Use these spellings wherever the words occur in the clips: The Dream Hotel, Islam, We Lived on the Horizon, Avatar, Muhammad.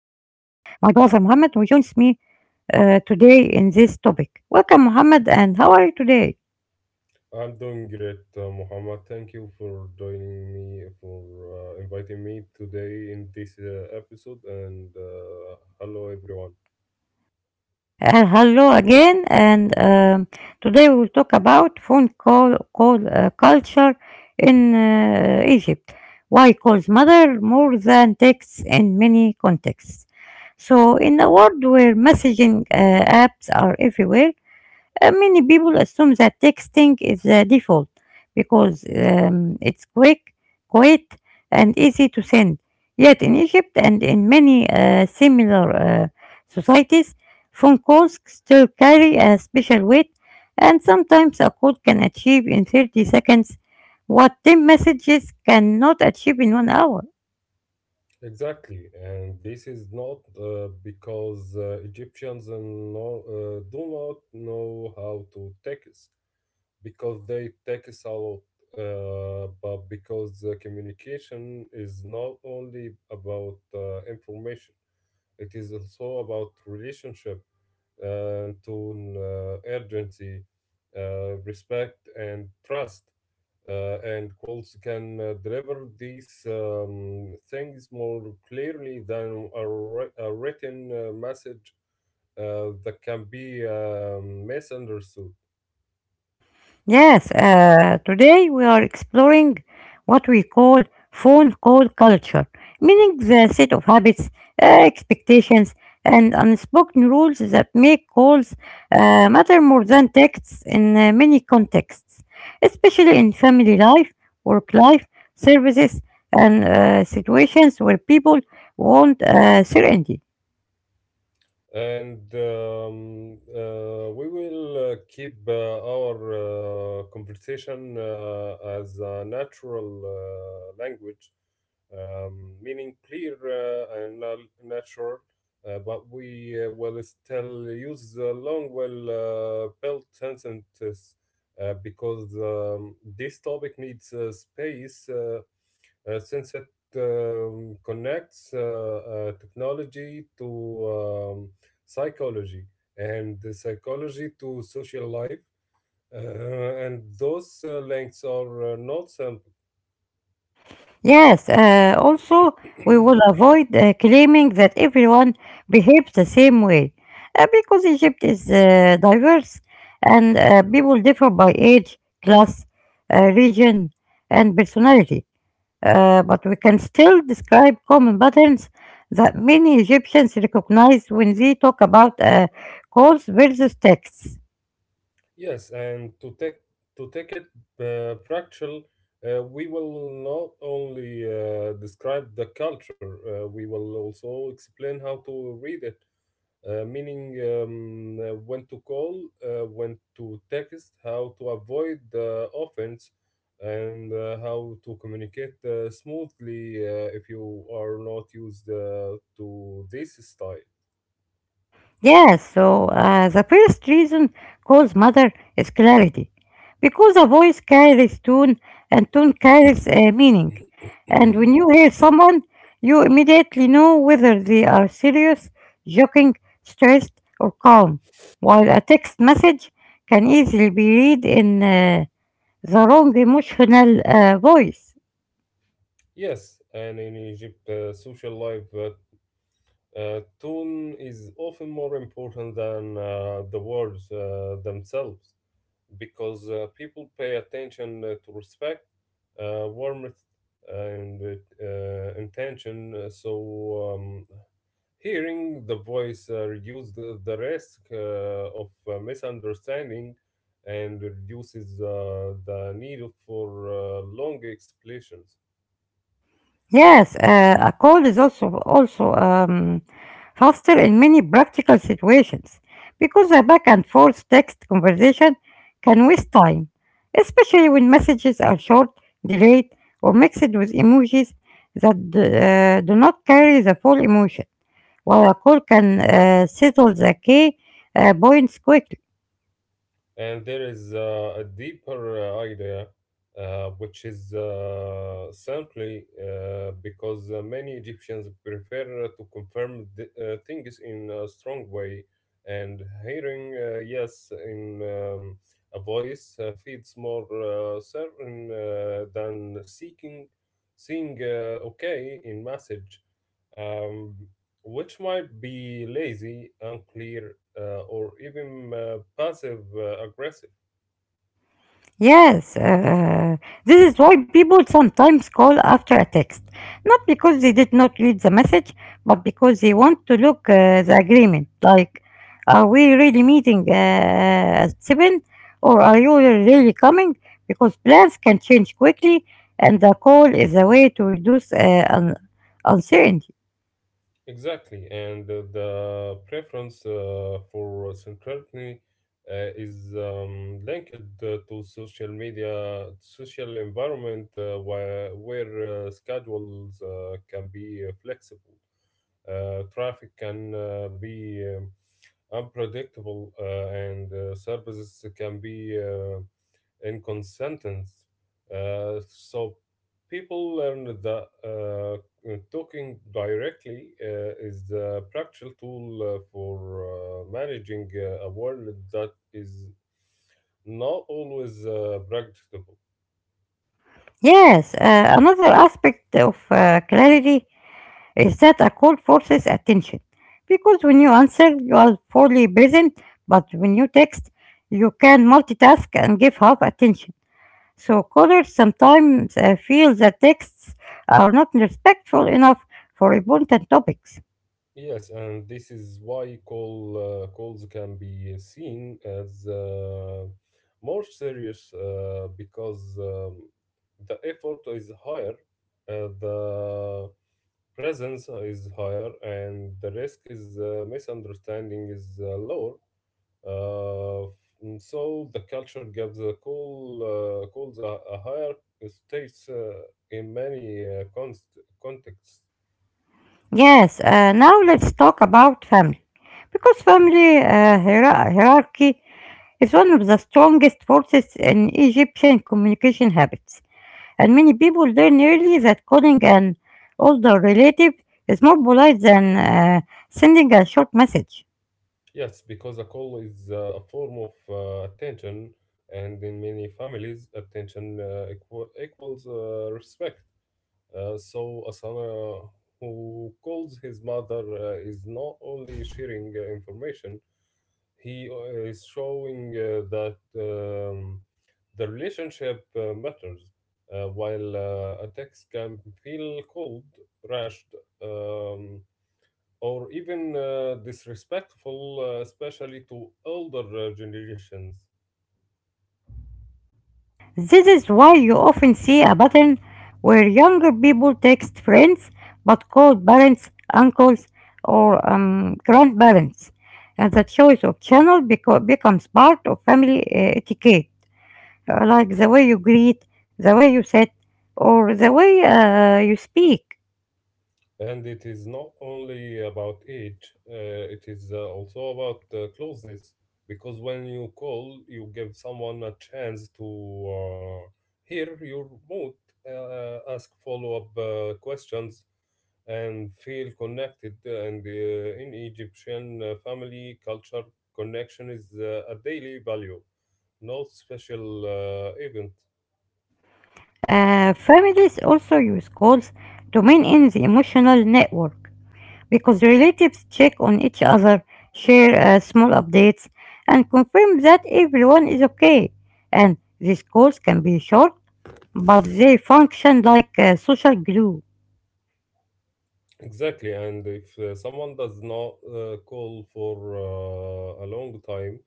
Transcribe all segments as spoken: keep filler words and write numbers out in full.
my brother Mohammed who joins me uh, today in this topic. Welcome, Mohammed, and how are you today? I'm doing great, uh, Muhammad. Thank you for joining me, for uh, inviting me today in this uh, episode. And uh, hello, everyone. Uh, hello again, and um, today we will talk about phone call, call uh, culture in uh, Egypt. Why calls matter more than texts in many contexts? So, in a world where messaging uh, apps are everywhere. Uh, many people assume that texting is the default because um, it's quick, quiet, and easy to send. Yet in Egypt and in many uh, similar uh, societies, phone calls still carry a special weight, and sometimes a call can achieve in thirty seconds what ten messages cannot achieve in one hour. Exactly, and this is not uh, because uh, Egyptians and no, uh, do not know how to text, because they text a lot, uh, but because the communication is not only about uh, information, it is also about relationship and to an, uh, urgency, uh, respect, and trust. Uh, and cults can uh, deliver these um, things more clearly than a, wri- a written uh, message uh, that can be um misunderstood. Yes, uh, today we are exploring what we call phone call culture, meaning the set of habits, uh, expectations, and unspoken rules that make calls uh, matter more than texts in uh, many contexts, especially in family life, work life, services, and uh, situations where people want uh, certainty. And um, uh, We will uh, keep uh, our uh, conversation uh, as a natural uh, language, um, meaning clear uh, and nal- natural, uh, but we uh, will still use the long, well uh, built sentences uh, because um, this topic needs uh, space. Uh, uh, since it um, connects uh, uh, technology to um, psychology and the psychology to social life. Uh, and those uh, links are uh, not simple. Yes, uh, also, we will avoid uh, claiming that everyone behaves the same way uh, because Egypt is uh, diverse and uh, people differ by age, class, uh, region, and personality. Uh, but we can still describe common patterns that many Egyptians recognize when they talk about uh, calls versus texts. Yes, and to take to take it uh, practical, uh, we will not only uh, describe the culture, uh, we will also explain how to read it, uh, meaning um, uh, when to call, uh, when to text, how to avoid the offense, and uh, how to communicate uh, smoothly uh, if you are not used uh, to this style. Yes, so uh, the first reason calls mother is clarity. Because a voice carries tone and tone carries uh, meaning. And when you hear someone, you immediately know whether they are serious, joking, stressed, or calm. While a text message can easily be read in uh, the wrong emotional uh, voice. Yes, and in Egypt, uh, social life, uh, uh, tone is often more important than uh, the words uh, themselves. Because uh, people pay attention uh, to respect, uh, warmth, and uh, intention. Uh, So, um, hearing the voice uh, reduces the, the risk uh, of uh, misunderstanding and reduces uh, the need for uh, long explanations. Yes, uh, a call is also also um, faster in many practical situations, because a back and forth text conversation can waste time, especially when messages are short, delayed, or mixed with emojis that uh, do not carry the full emotion, while a call can uh, settle the key uh, points quickly. And there is uh, a deeper uh, idea, uh, which is uh, simply uh, because uh, many Egyptians prefer to confirm th- uh, things in a strong way, and hearing uh, yes in um, a voice uh, feels more uh, certain uh, than seeking seeing uh, okay in message. Um, which might be lazy, unclear, uh, or even uh, passive uh, aggressive. Yes, uh, uh, this is why people sometimes call after a text, not because they did not read the message, but because they want to look uh, the agreement. Like, are we really meeting uh, uh, at seven, or are you really coming? Because plans can change quickly, and a call is a way to reduce uh, un- uncertainty. Exactly, and uh, the preference uh, for centrality uh, is um, linked uh, to social media, social environment uh, where, where uh, schedules uh, can be uh, flexible. Uh, traffic can uh, be um, unpredictable, uh, and uh, services can be. Uh, inconsistent. Uh, so people learn that uh, talking directly uh, is the practical tool uh, for uh, managing uh, a world that is not always uh, practicable. Yes, uh, another aspect of uh, clarity is that a call forces attention, because when you answer you are fully present, but when you text you can multitask and give half attention, so callers sometimes uh, feel that texts are not respectful enough for important topics. Yes, and this is why call uh, calls can be seen as uh, more serious uh, because um, the effort is higher, uh, the presence is higher, and the risk is uh, misunderstanding is uh, lower. Uh, mm, so the culture gives a call uh, calls a, a higher states uh, in many uh, const- contexts. Yes, uh, now let's talk about family, because family uh, hiera- hierarchy is one of the strongest forces in Egyptian communication habits. And many people learn early that calling an older relative is more polite than uh, sending a short message. Yes, because a call is uh, a form of uh, attention, and in many families, attention uh, equa- equals uh, respect. Uh, so, a son uh, who calls his mother uh, is not only sharing uh, information, he uh, is showing uh, that um, the relationship uh, matters. Uh, while uh, a text can feel cold, rushed, um, or even uh, disrespectful, uh, especially to older uh, generations. This is why you often see a pattern where younger people text friends but call parents, uncles, or um, grandparents, and the choice of channel beco- becomes part of family uh, etiquette, uh, like the way you greet, the way you sit, or the way uh, you speak. And it is not only about age, uh, it is uh, also about uh, closeness. Because when you call, you give someone a chance to uh, hear your mood, uh, ask follow up uh, questions, and feel connected. And uh, In Egyptian uh, family culture, connection is uh, a daily value, not special uh, event. Uh, families also use calls to maintain the emotional network, because relatives check on each other, share uh, small updates, and confirm that everyone is okay. And these calls can be short, but they function like uh, social glue. Exactly, and if uh, someone does not uh, call for uh, a long time,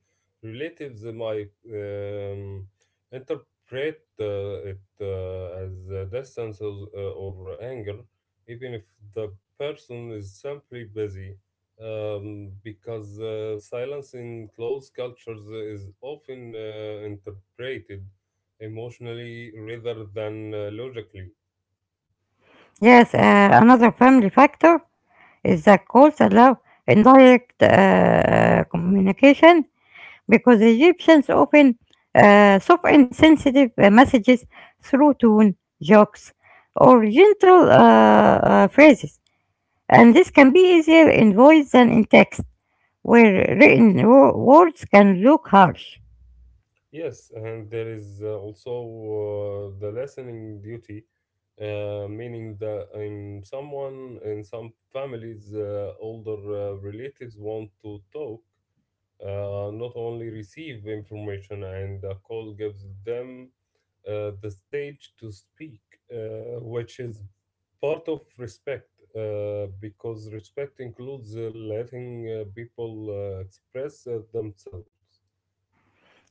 relatives might um, interpret uh, it uh, as uh, distance or, uh, or anger, even if the person is simply busy. Um, because uh, silence in close cultures is often uh, interpreted emotionally rather than uh, logically. Yes, uh, another family factor is that calls allow indirect uh, communication, because Egyptians often uh, suffer sensitive uh, messages through tone, jokes, or gentle uh, uh, phrases, and this can be easier in voice than in text, where written wo- words can look harsh. Yes, and there is uh, also uh, the listening duty, uh, meaning that in someone in some families, uh, older uh, relatives want to talk, uh, not only receive information, and the call gives them uh, the stage to speak, uh, which is part of respect, uh, because respect includes uh, letting uh, people uh, express uh, themselves.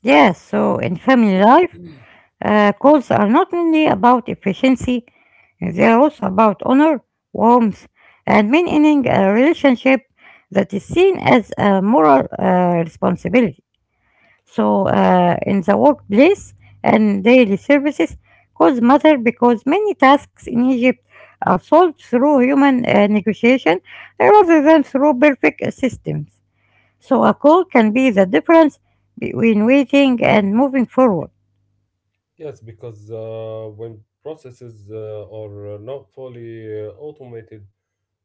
Yes, so in family life, uh, calls are not only about efficiency, they are also about honor, warmth, and maintaining a relationship that is seen as a moral uh, responsibility. So, uh, in the workplace and daily services, cause matter because many tasks in Egypt are solved through human uh, negotiation rather than through perfect uh, systems. So, a call can be the difference between waiting and moving forward. Yes, because uh, when processes uh, are uh, not fully uh, automated,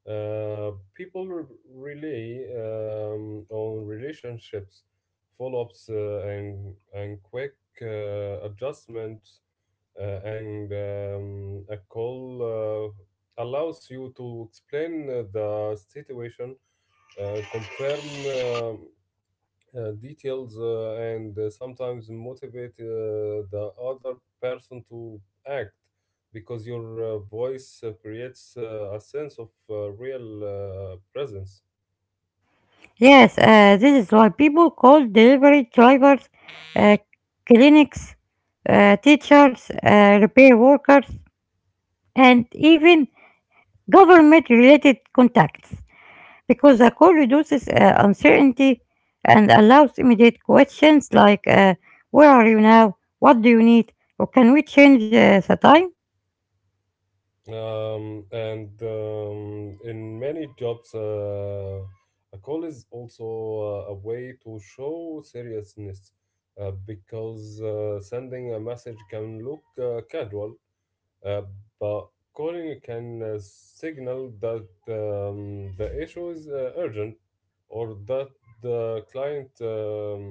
uh, people re- rely um, on relationships, follow-ups, uh, and and quick uh, adjustments, uh, and um, a call uh, allows you to explain uh, the situation, uh, confirm uh, uh, details uh, and uh, sometimes motivate uh, the other person to act because your uh, voice uh, creates uh, a sense of uh, real uh, presence. Yes, uh, this is why people call delivery drivers, uh, clinics, uh, teachers, uh, repair workers, and even government related contacts. Because the call reduces uh, uncertainty and allows immediate questions, like uh, where are you now, what do you need, or can we change uh, the time? Um, and um, in many jobs, uh, a call is also uh, a way to show seriousness uh, because uh, sending a message can look uh, casual. Uh, but calling can uh, signal that um, the issue is uh, urgent or that the client um,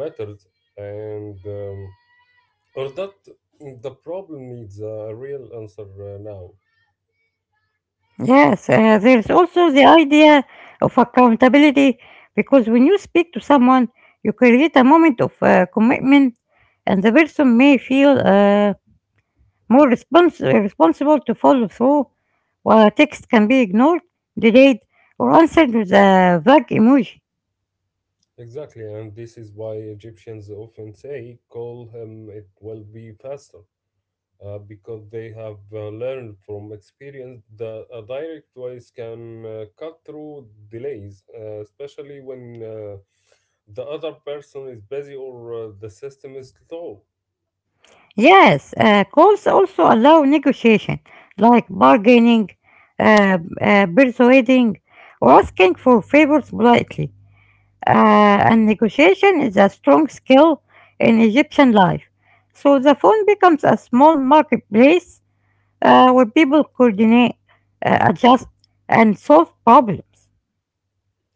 matters and um, or that the problem needs a real answer uh, now. Yes, uh, there's also the idea of accountability, because when you speak to someone you create a moment of uh, commitment, and the person may feel uh, more respons- responsible to follow through, while a text can be ignored, delayed, or answered with a vague emoji. Exactly, and this is why Egyptians often say, call him, it will be faster. Uh, because they have uh, learned from experience that a direct voice can uh, cut through delays, uh, especially when uh, the other person is busy or uh, the system is slow. Yes, uh, calls also allow negotiation, like bargaining, uh, uh, persuading, or asking for favors politely. Uh, and negotiation is a strong skill in Egyptian life. So the phone becomes a small marketplace uh, where people coordinate, uh, adjust, and solve problems.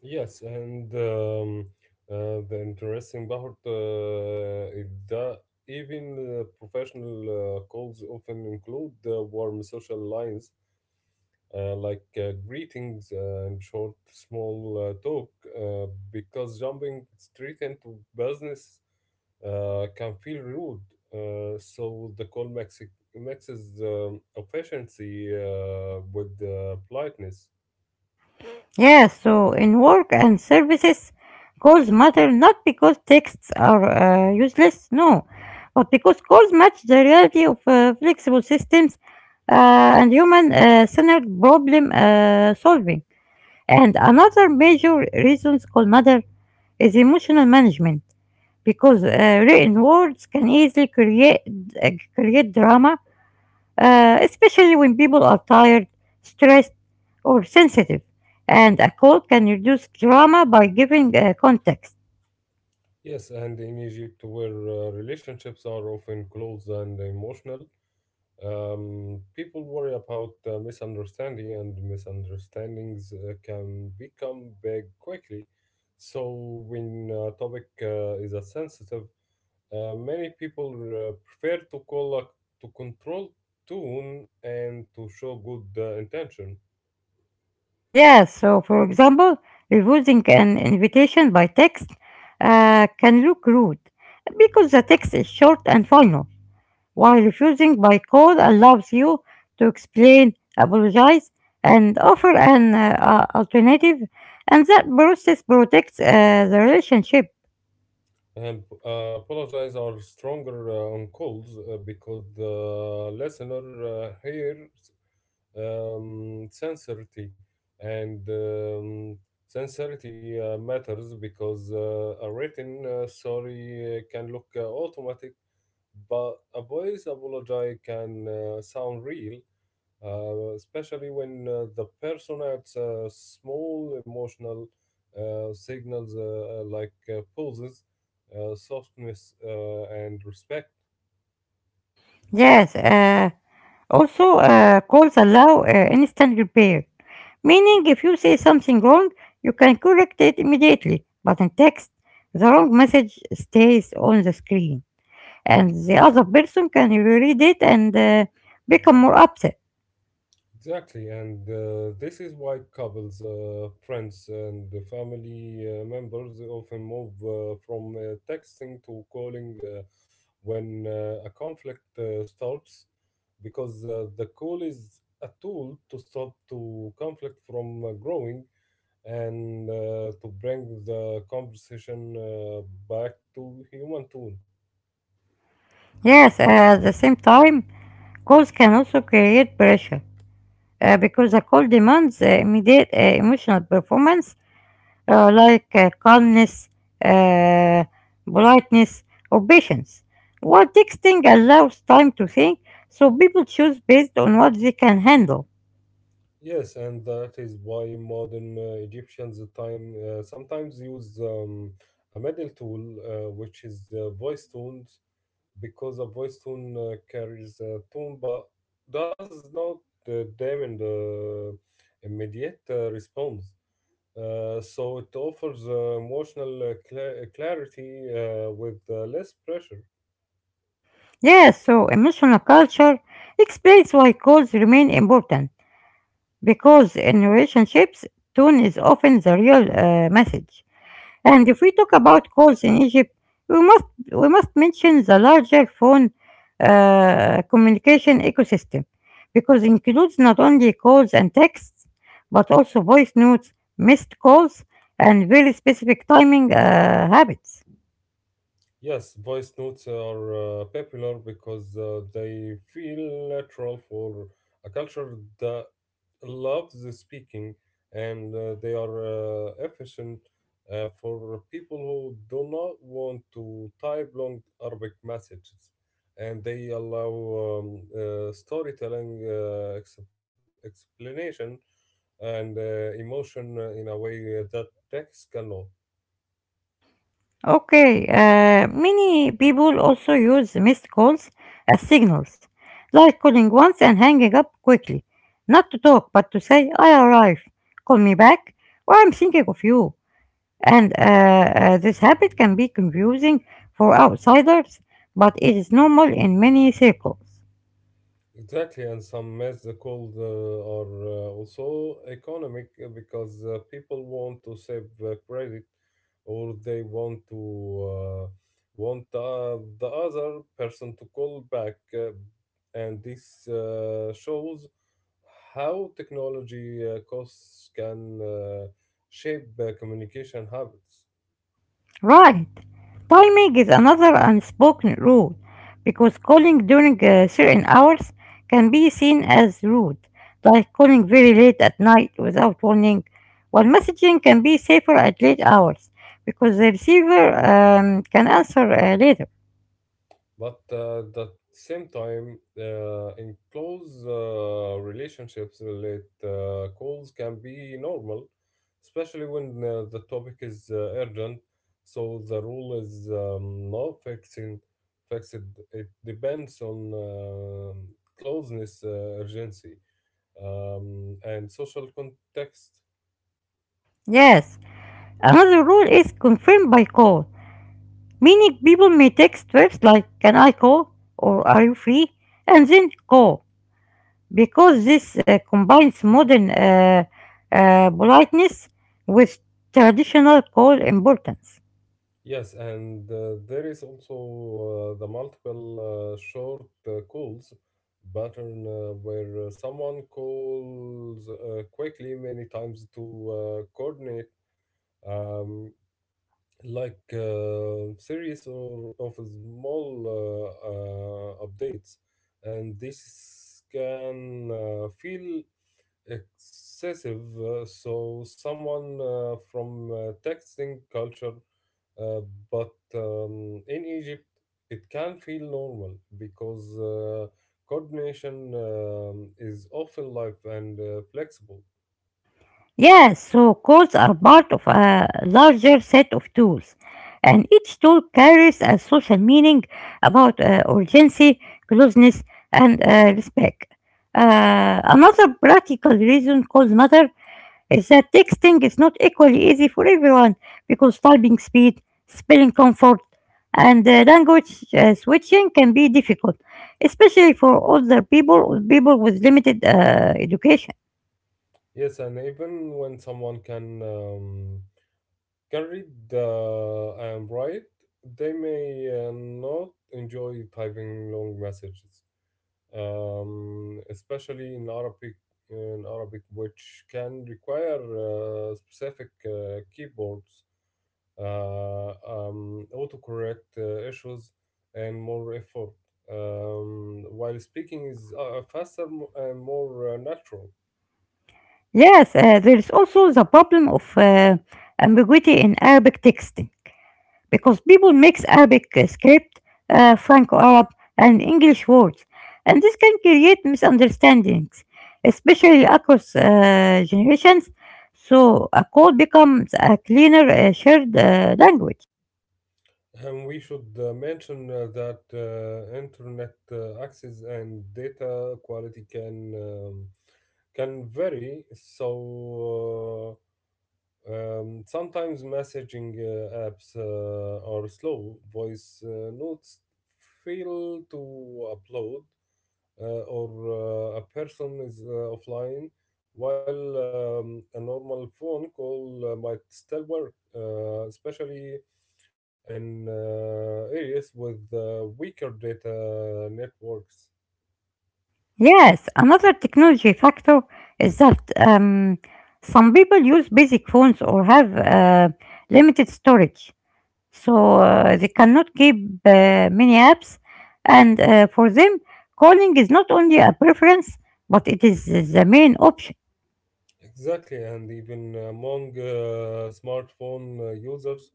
Yes, and um, uh, the interesting part uh, is that even uh, professional uh, calls often include uh, warm social lines uh, like uh, greetings uh, and short, small uh, talk, uh, because jumping straight into business uh, can feel rude. Uh, so the call mixi- mixes um, efficiency uh, with uh, politeness. Yes, so in work and services, calls matter not because texts are uh, useless, no, but because calls match the reality of uh, flexible systems uh, and human uh, centered problem uh, solving. And another major reason call matter is emotional management, because uh, written words can easily create, uh, create drama, uh, especially when people are tired, stressed, or sensitive. And a call can reduce drama by giving uh, context. Yes, and in Egypt, where uh, relationships are often close and emotional, um, people worry about uh, misunderstanding, and misunderstandings uh, can become big quickly. So, when a topic uh, is a sensitive, uh, many people uh, prefer to call a, to control tone and to show good uh, intention. Yeah, so for example, refusing an invitation by text uh, can look rude, because the text is short and final, while refusing by call allows you to explain, apologize, and offer an uh, uh, alternative, and that process protects uh, the relationship. and uh, apologize are stronger uh, on calls uh, because the listener uh, hears um, sincerity and um, sincerity uh, matters because uh, a written uh, sorry uh, can look uh, automatic but a voice apology can uh, sound real, uh, especially when uh, the person at uh, small emotional uh, signals uh, like uh, pulses, uh, softness, uh, and respect. Yes, uh, also, uh, codes allow uh, instant repair, meaning if you say something wrong, you can correct it immediately. But in text, the wrong message stays on the screen, and the other person can reread it and uh, become more upset. Exactly, and uh, this is why couples, uh, friends, and the family uh, members often move uh, from uh, texting to calling uh, when uh, a conflict uh, starts, because uh, the call is a tool to stop to conflict from uh, growing and uh, to bring the conversation uh, back to human tool. Yes, uh, at the same time, calls can also create pressure, uh, because a call demands uh, immediate uh, emotional performance, uh, like uh, calmness, uh, politeness, or patience. While texting allows time to think, so people choose based on what they can handle. Yes, and that is why modern uh, Egyptians time uh, sometimes use um, a middle tool, uh, which is uh, voice tones, because a voice tone uh, carries a tone but does not uh, demand uh, immediate uh, response. Uh, so it offers uh, emotional uh, cla clarity uh, with uh, less pressure. Yeah, so emotional culture explains why calls remain important, because in relationships, tone is often the real uh, message. And if we talk about calls in Egypt, we must we must mention the larger phone uh, communication ecosystem, because includes not only calls and texts but also voice notes, missed calls, and very specific timing uh, habits. Yes, voice notes are uh, popular because uh, they feel natural for a culture that loves the speaking, and uh, they are uh, efficient uh, for people who do not want to type long Arabic messages, and they allow um, uh, storytelling, uh, ex- explanation, and uh, emotion uh, in a way that text cannot. Okay, uh, many people also use missed calls as signals, like calling once and hanging up quickly, not to talk but to say I arrived, call me back, or I'm thinking of you. And uh, uh, this habit can be confusing for outsiders, but it is normal in many circles. Exactly, and some myths they called uh, are uh, also economic uh, because uh, people want to save uh, credit or they want to uh, want uh, the other person to call back, uh, and this uh, shows how technology uh, costs can uh, shape uh, communication habits. Right. Timing is another unspoken rule, because calling during uh, certain hours can be seen as rude, like calling very late at night without warning, while messaging can be safer at late hours, because the receiver um, can answer uh, later. But uh, at the same time, uh, in close uh, relationships, late uh, calls can be normal, especially when uh, the topic is uh, urgent. So the rule is um, no fixing, fixed. It depends on um closeness, uh, urgency, um, and social context. Yes, another rule is confirmed by call, meaning people may text verbs like can I call or are you free and then call, because this uh, combines modern uh, uh, politeness with traditional call importance. Yes, and uh, there is also uh, the multiple uh, short uh, calls pattern uh, where uh, someone calls uh, quickly many times to uh, coordinate, um, like uh, series or of small uh, uh, updates, and this can uh, feel excessive uh, so someone uh, from uh, texting culture, uh, but um, in Egypt it can feel normal because uh, coordination um, is often live and uh, flexible. Yes, so calls are part of a larger set of tools, and each tool carries a social meaning about uh, urgency, closeness, and uh, respect. Uh, another practical reason calls matter is that texting is not equally easy for everyone, because typing speed, spelling comfort, and uh, language uh, switching can be difficult, especially for older people or people with limited uh, education. Yes, and even when someone can um, can read uh, and write, they may uh, not enjoy typing long messages, um, especially in Arabic, in Arabic, which can require uh, specific uh, keyboards, uh, um, autocorrect uh, issues, and more effort. Um, while speaking is uh, faster mo- and more uh, natural. Yes, uh, there is also the problem of uh, ambiguity in Arabic texting. Because people mix Arabic uh, script, uh, Franco-Arab, and English words, and this can create misunderstandings, especially across uh, generations. So a code becomes a cleaner uh, shared uh, language. And we should uh, mention uh, that uh, internet uh, access and data quality can um, can vary. So uh, Um, sometimes messaging uh, apps uh, or slow voice uh, notes fail to upload, uh, or uh, a person is uh, offline, while um, a normal phone call uh, might still work, uh, especially in uh, areas with uh, weaker data networks. Yes, another technology factor is that um, some people use basic phones or have uh, limited storage. So uh, they cannot keep uh, many apps, and uh, for them, calling is not only a preference, but it is the main option. Exactly, and even among uh, smartphone uh, users,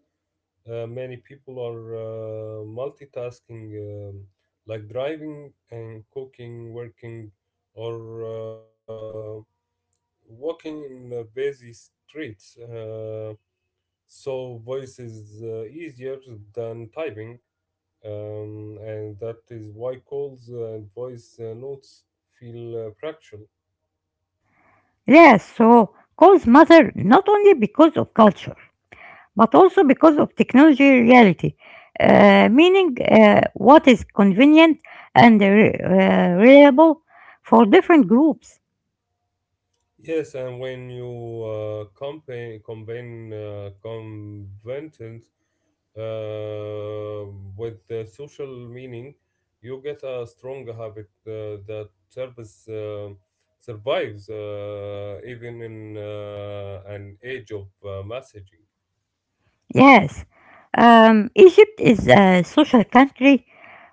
uh, many people are uh, multitasking, um, like driving and cooking, working, or uh, walking in uh, busy streets. Uh, so voice is uh, easier than typing, um, and that is why calls uh, and voice uh, notes feel uh, practical. Yes, so calls matter not only because of culture, but also because of technology reality, uh, meaning uh, what is convenient and re- uh, reliable for different groups. Yes, and when you uh, campaign, combine uh, conventions uh, with the social meaning, you get a strong habit uh, that service uh, survives uh, even in uh, an age of uh, messaging. Yes, um, Egypt is a social country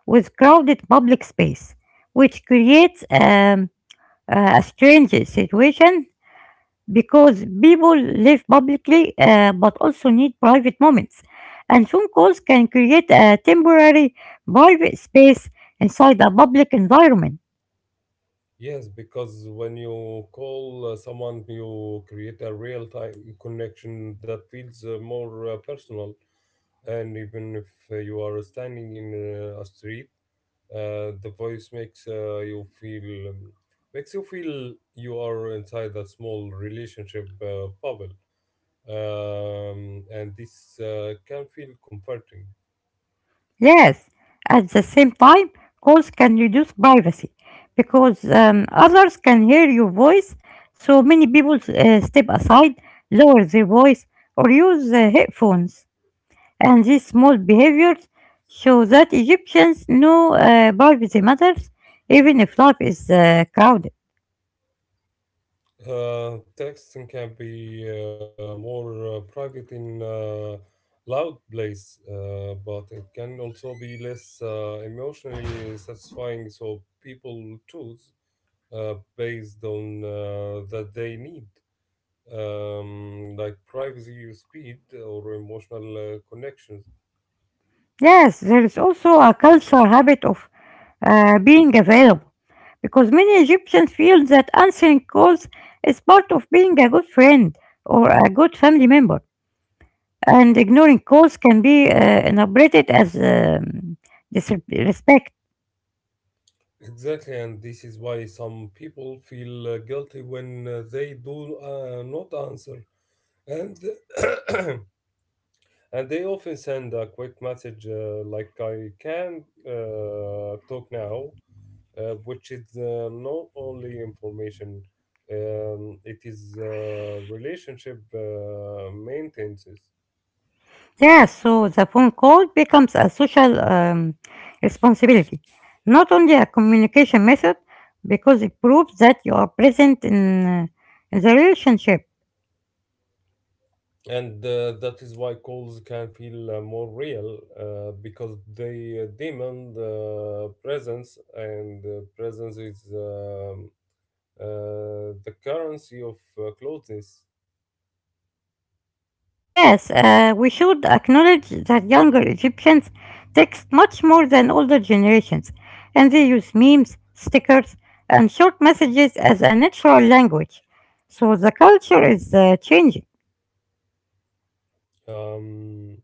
with crowded public space, which creates um, a strange situation, because people live publicly uh, but also need private moments. And phone calls can create a temporary private space inside a public environment. Yes, because when you call uh, someone, you create a real-time connection that feels uh, more uh, personal, and even if uh, you are standing in uh, a street, uh, the voice makes uh, you feel um, makes you feel you are inside a small relationship uh, bubble, um, and this uh, can feel comforting. Yes, at the same time, calls can reduce privacy, because um, others can hear your voice. So many people uh, step aside, lower their voice, or use uh, headphones. And these small behaviors show that Egyptians know uh, privacy matters, even if life is uh, crowded. Uh, texting can be uh, more uh, private in uh, loud place, uh, but it can also be less uh, emotionally satisfying. So people choose uh, based on uh, that they need, um, like privacy, speed, or emotional uh, connections. Yes, there is also a cultural habit of uh, being available, because many Egyptians feel that answering calls is part of being a good friend or a good family member, and ignoring calls can be uh, interpreted as um, disrespect. Exactly, and this is why some people feel uh, guilty when uh, they do uh, not answer, and and they often send a quick message uh, like, I can uh, talk now, uh, which is uh, not only information, um, it is uh, relationship uh, maintenance. Yeah, so the phone call becomes a social um, responsibility, not only a communication method, because it proves that you are present in, uh, in the relationship. And uh, that is why calls can feel uh, more real uh, because they uh, demand uh, presence, and uh, presence is um, uh, the currency of uh, closeness. Yes, uh, we should acknowledge that younger Egyptians text much more than older generations, and they use memes, stickers, and short messages as a natural language. So the culture is uh, changing. Um,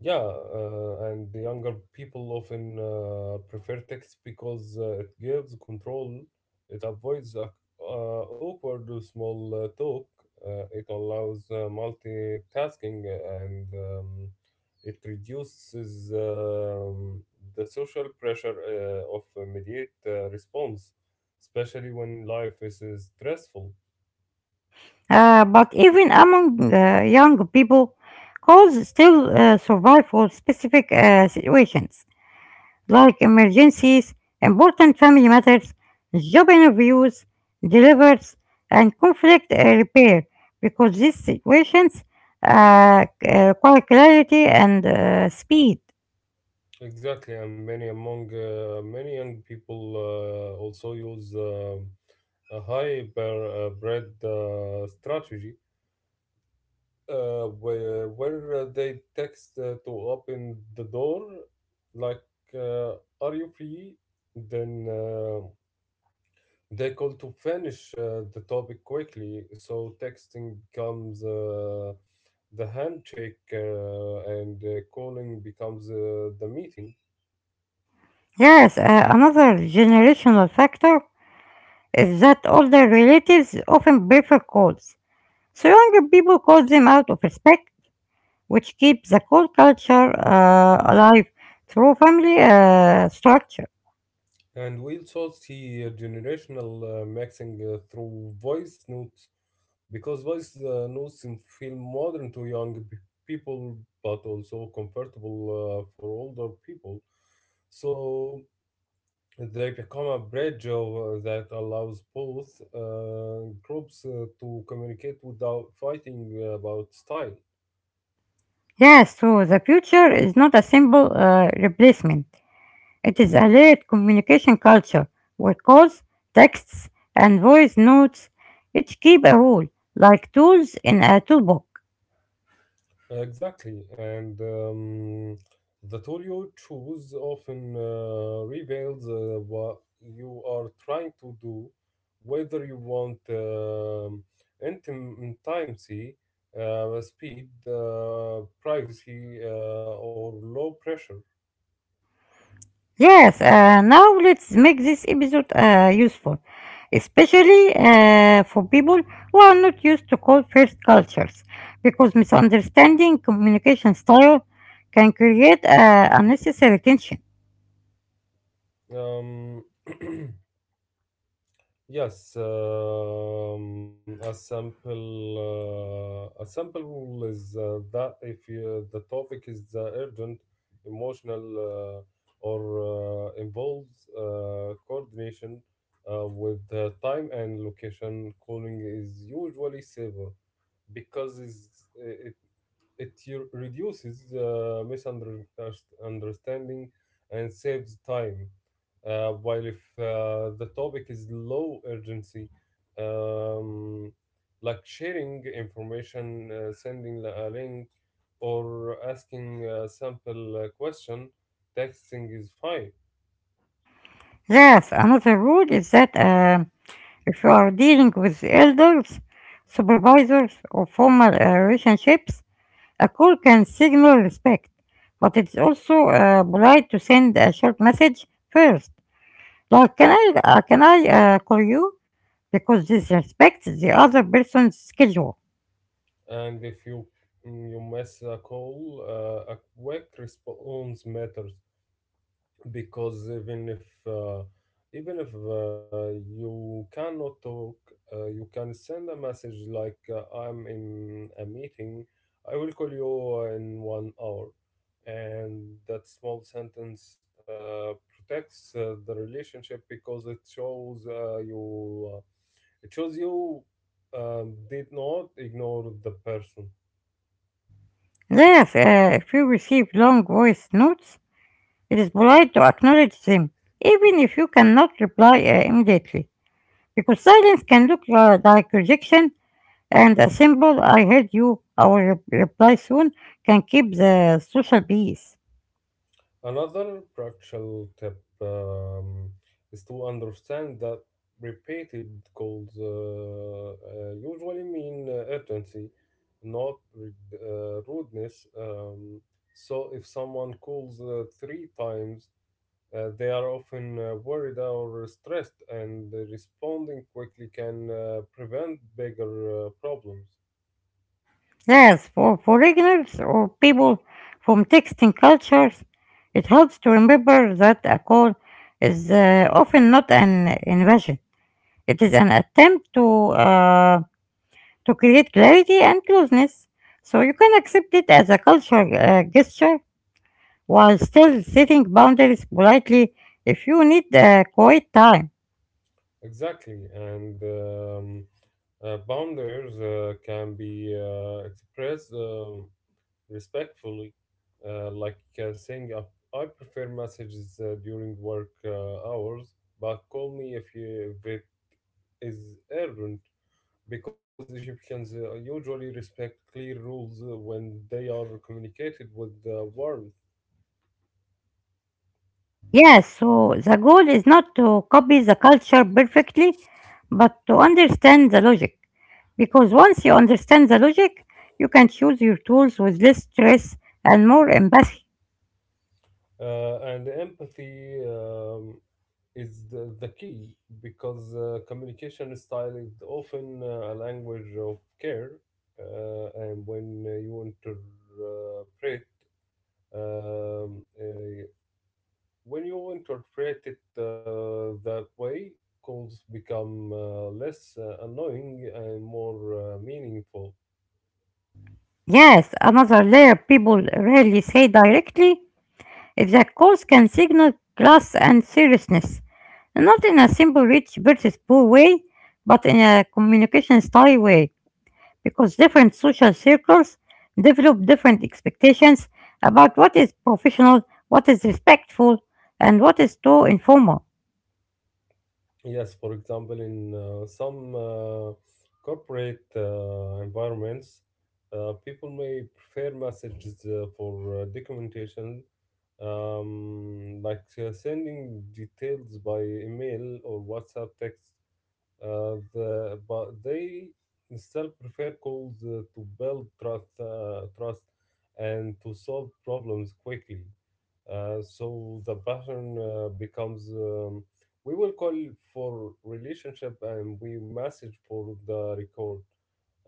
yeah, uh, and the younger people often uh, prefer text because uh, it gives control, it avoids a, uh, awkward or small uh, talk, uh, it allows uh, multitasking, and um, it reduces um, the social pressure uh, of immediate uh, response, especially when life is uh, stressful. Uh, but even among uh, young people, calls still uh, survive for specific uh, situations. Like emergencies, important family matters, job interviews, deliveries, and conflict uh, repair, because these situations uh, c- uh, require clarity and uh, speed. Exactly, and many among uh, many young people uh, also use uh, a hyper uh, bread uh, strategy uh, where, where uh, they text uh, to open the door, like uh, "Are you free?" Then uh, they call to finish uh, the topic quickly. So texting becomes uh, the handshake, uh, and uh, calling becomes uh, the meeting. Yes, uh, another generational factor is that older relatives often prefer calls, so younger people call them out of respect, which keeps the call culture uh, alive through family uh, structure. And we also see uh, generational uh, mixing uh, through voice notes because voice uh, notes in- feel modern to young p- people but also comfortable uh, for older people. So they become a bridge of, uh, that allows both uh, groups uh, to communicate without fighting about style. Yes, so the future is not a simple uh, replacement. It is a layered communication culture where calls, texts, and voice notes each keep a role, like tools in a toolbox. Exactly, and um, the tool you choose often uh, reveals uh, what you are trying to do, whether you want um, intim- intimacy, uh, speed, uh, privacy, uh, or low pressure. Yes, uh, now let's make this episode uh, useful, especially uh, for people who are not used to call first cultures, because misunderstanding communication style can create uh, unnecessary tension. Um, Yes, um, a sample uh, a sample is uh, that if you, the topic is uh, urgent, emotional, uh, or uh, involves uh, coordination uh, with the time and location, calling is usually safer because it's, it it u- reduces uh, misunderstanding and saves time. Uh, while if uh, the topic is low urgency, um, like sharing information, uh, sending a link, or asking a simple uh, question, texting is fine. Yes, another rule is that. um If you are dealing with elders, supervisors, or formal uh, relationships, a call can signal respect, but it's also uh, polite to send a short message first. Like, can I, uh, can I uh, call you? Because this respects the other person's schedule. And if you mm, you miss a call, uh, a quick response matters because even if uh, even if uh, you cannot talk, uh, you can send a message like uh, I'm in a meeting. I will call you in one hour, and that small sentence uh, protects uh, the relationship because it shows uh, you uh, it shows you um, did not ignore the person. Yes, uh, if you receive long voice notes, it is polite to acknowledge them, even if you cannot reply uh, immediately. Because silence can look uh, like rejection. And a simple "I heard you, our re- reply soon," can keep the social peace. Another practical tip um, is to understand that repeated calls uh, uh, usually mean uh, urgency, not re- uh, rudeness. Um, so if someone calls uh, three times, uh, they are often uh, worried or stressed, and responding quickly can uh, prevent bigger uh, problems. Yes, for foreigners or people from texting cultures, it helps to remember that a call is uh, often not an invasion. It is an attempt to uh, to create clarity and closeness, so you can accept it as a cultural uh, gesture while still setting boundaries politely if you need uh, quiet time. Exactly, and um, uh, boundaries uh, can be uh, expressed uh, respectfully, uh, like uh, saying, uh, "I prefer messages uh, during work uh, hours, but call me if you if it is urgent." Because Egyptians uh, usually respect clear rules uh, when they are communicated with uh, warmth Yes, so the goal is not to copy the culture perfectly, but to understand the logic. Because once you understand the logic, you can choose your tools with less stress and more empathy. uh, and empathy. Um, is the, the key because uh, communication style is often uh, a language of care. Uh, and when uh, you interpret, um, uh, when you interpret it uh, that way, calls become uh, less uh, annoying and more uh, meaningful. Yes, another layer people rarely say directly is that calls can signal class and seriousness, not in a simple rich versus poor way, but in a communication style way. Because different social circles develop different expectations about what is professional, what is respectful, and what is too informal. Yes, for example, in uh, some uh, corporate uh, environments, uh, people may prefer messages uh, for uh, documentation, um, like uh, sending details by email or WhatsApp text. Uh, the, but they still prefer calls uh, to build trust, uh, trust and to solve problems quickly. Uh, so the pattern uh, becomes um, we will call for relationship and we message for the record.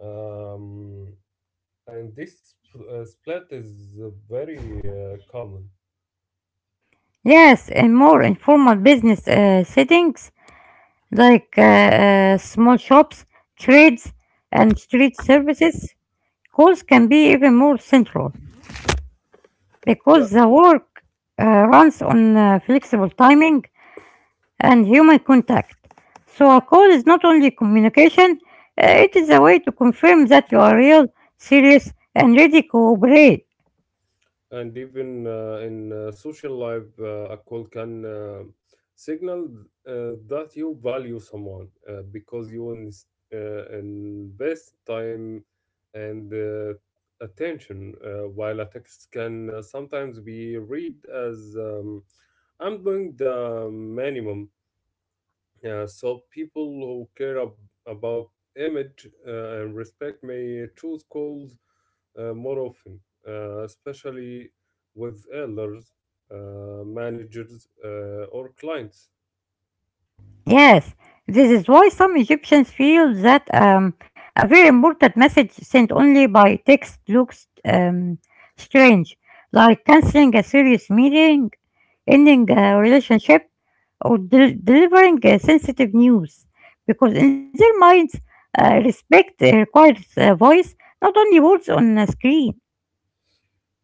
Um, and this uh, split is uh, very uh, common. Yes, in more informal business uh, settings like uh, uh, small shops, trades, and street services, calls can be even more central Yeah, because the work uh, runs on uh, flexible timing and human contact. So a call is not only communication, uh, it is a way to confirm that you are real, serious, and ready to cooperate. and even uh, in uh, social life, uh, a call can uh, signal uh, that you value someone uh, because you ins- uh, invest time and uh, attention, uh, while a text can uh, sometimes be read as um, I'm doing the minimum. Yeah, so people who care ab- about image uh, and respect may choose calls uh, more often, uh, especially with elders, uh, managers, uh, or clients. Yes, this is why some Egyptians feel that um, a very important message sent only by text looks um, strange, like canceling a serious meeting, ending a relationship, or del- delivering uh, sensitive news, because in their minds uh, respect uh, requires a voice, not only words on a screen.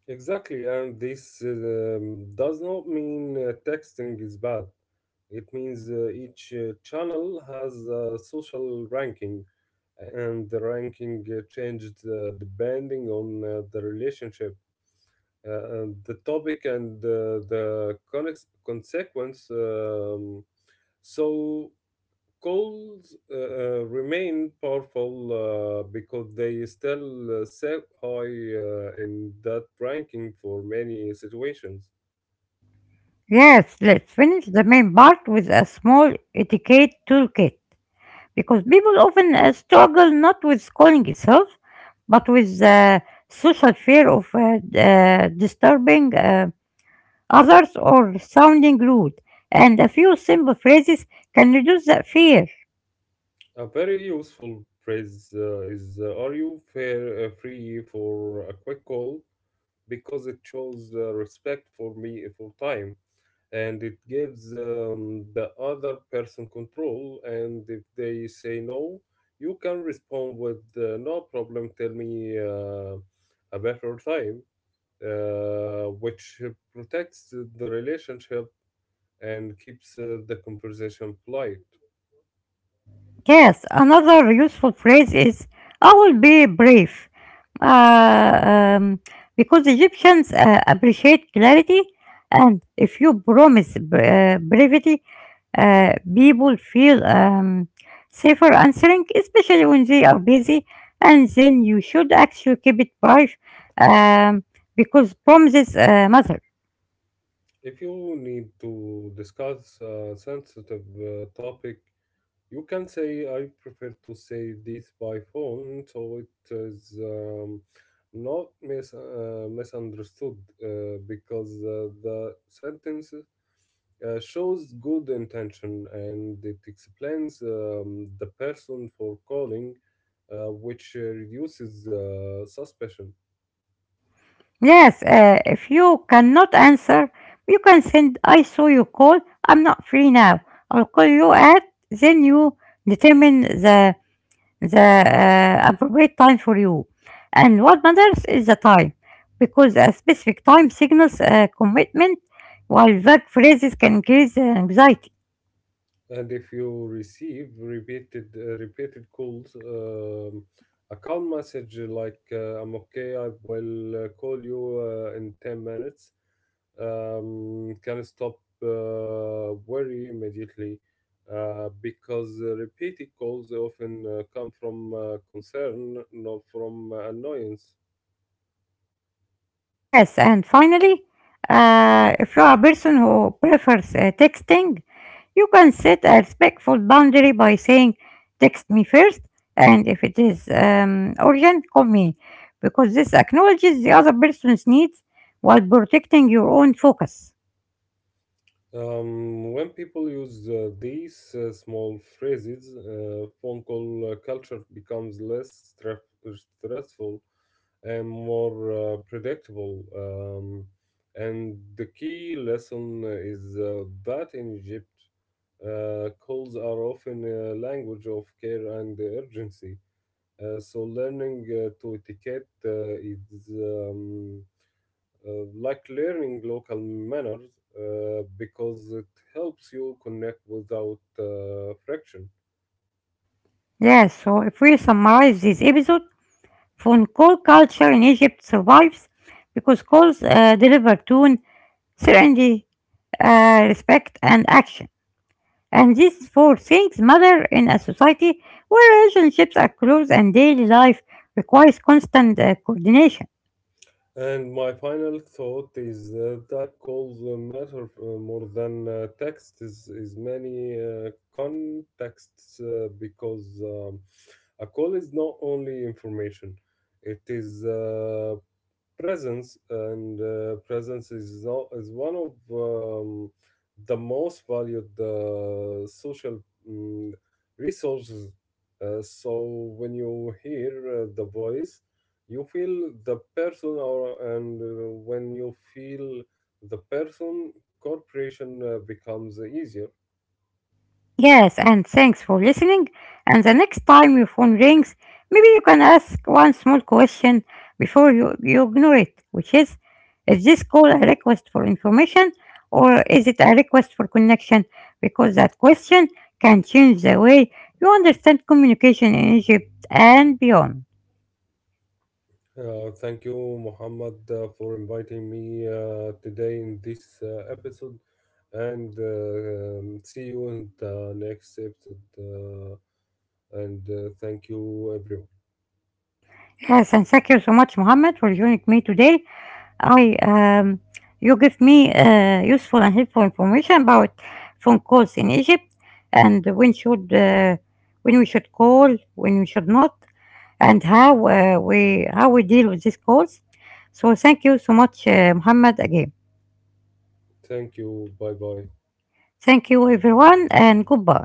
Exactly, and this um, does not mean uh, texting is bad. It means uh, each uh, channel has a social ranking, and the ranking uh, changed uh, depending on uh, the relationship, uh, and the topic and the, the connex- consequence. Um, so calls uh, uh, remain powerful uh, because they still uh, set high uh, in that ranking for many situations. Yes, let's finish the main part with a small etiquette toolkit, because people often uh, struggle not with calling itself, but with uh, social fear of uh, d- uh, disturbing uh, others or sounding rude, and a few simple phrases can reduce that fear. A very useful phrase uh, is uh, "Are you fair uh, free for a quick call?" because it shows uh, respect for me for time and it gives um, the other person control. And if they say no, you can respond with uh, no problem, tell me uh, a better time, uh, which protects the relationship and keeps uh, the conversation polite. Yes, another useful phrase is "I will be brief." Uh, um, because Egyptians uh, appreciate clarity, and if you promise br- uh, brevity, uh, people feel um, safer answering, especially when they are busy, and then you should actually keep it brief um, because promises uh, matter. If you need to discuss a sensitive uh, topic, you can say I prefer to say this by phone, so it is um, not mis- uh, misunderstood uh, because uh, the sentence uh, shows good intention and it explains um, the person for calling, uh, which uh, reduces uh, suspicion. Yes, uh, if you cannot answer, you can send "I saw you call, I'm not free now. I'll call you at," then you determine the the uh, appropriate time for you. And what matters is the time, because a specific time signals a commitment while vague phrases can increase anxiety. And if you receive repeated uh, repeated calls, um, a calm message like uh, "I'm okay, I will uh, call you uh, in ten minutes." Um, can stop uh, worry immediately uh, because uh, repeated calls often uh, come from uh, concern, not from annoyance. Yes, and finally, uh, if you are a person who prefers uh, texting, you can set a respectful boundary by saying, "Text me first, and if it is um, urgent, call me," because this acknowledges the other person's needs while protecting your own focus. Um, when people use uh, these uh, small phrases, uh, phone call uh, culture becomes less stref- stressful and more uh, predictable. Um, and the key lesson is uh, that in Egypt, uh, calls are often a language of care and urgency. Uh, so learning uh, to etiquette uh, is um, uh, like learning local manners uh, because it helps you connect without uh, friction. Yes, so if we summarize this episode, phone call culture in Egypt survives because calls uh, deliver tone, certainty, uh, respect, and action. And these four things matter in a society where relationships are close and daily life requires constant uh, coordination. And my final thought is uh, that goals uh, matter uh, more than uh, text is, is many uh, contexts uh, because um, a call is not only information, it is uh, presence and uh, presence is, o- is one of um, the most valued uh, social mm, resources, uh, so when you hear uh, the voice you feel the person, or and uh, when you feel the person cooperation uh, becomes easier. Yes, and thanks for listening. And the next time your phone rings, maybe you can ask one small question before you, you ignore it, which is is this call a request for information or is it a request for connection? Because that question can change the way you understand communication in Egypt and beyond. Uh, thank you, Muhammad, uh, for inviting me uh, today in this uh, episode, and uh, um, see you in the next episode. Uh, and uh, thank you, everyone. Yes, and thank you so much, Mohammed, for joining me today. I um, you give me uh, useful and helpful information about phone calls in Egypt, and when should uh, when we should call, when we should not, and how uh, we how we deal with these calls. So thank you so much, uh, Mohammed, again. Thank you. Bye bye. Thank you, everyone, and goodbye.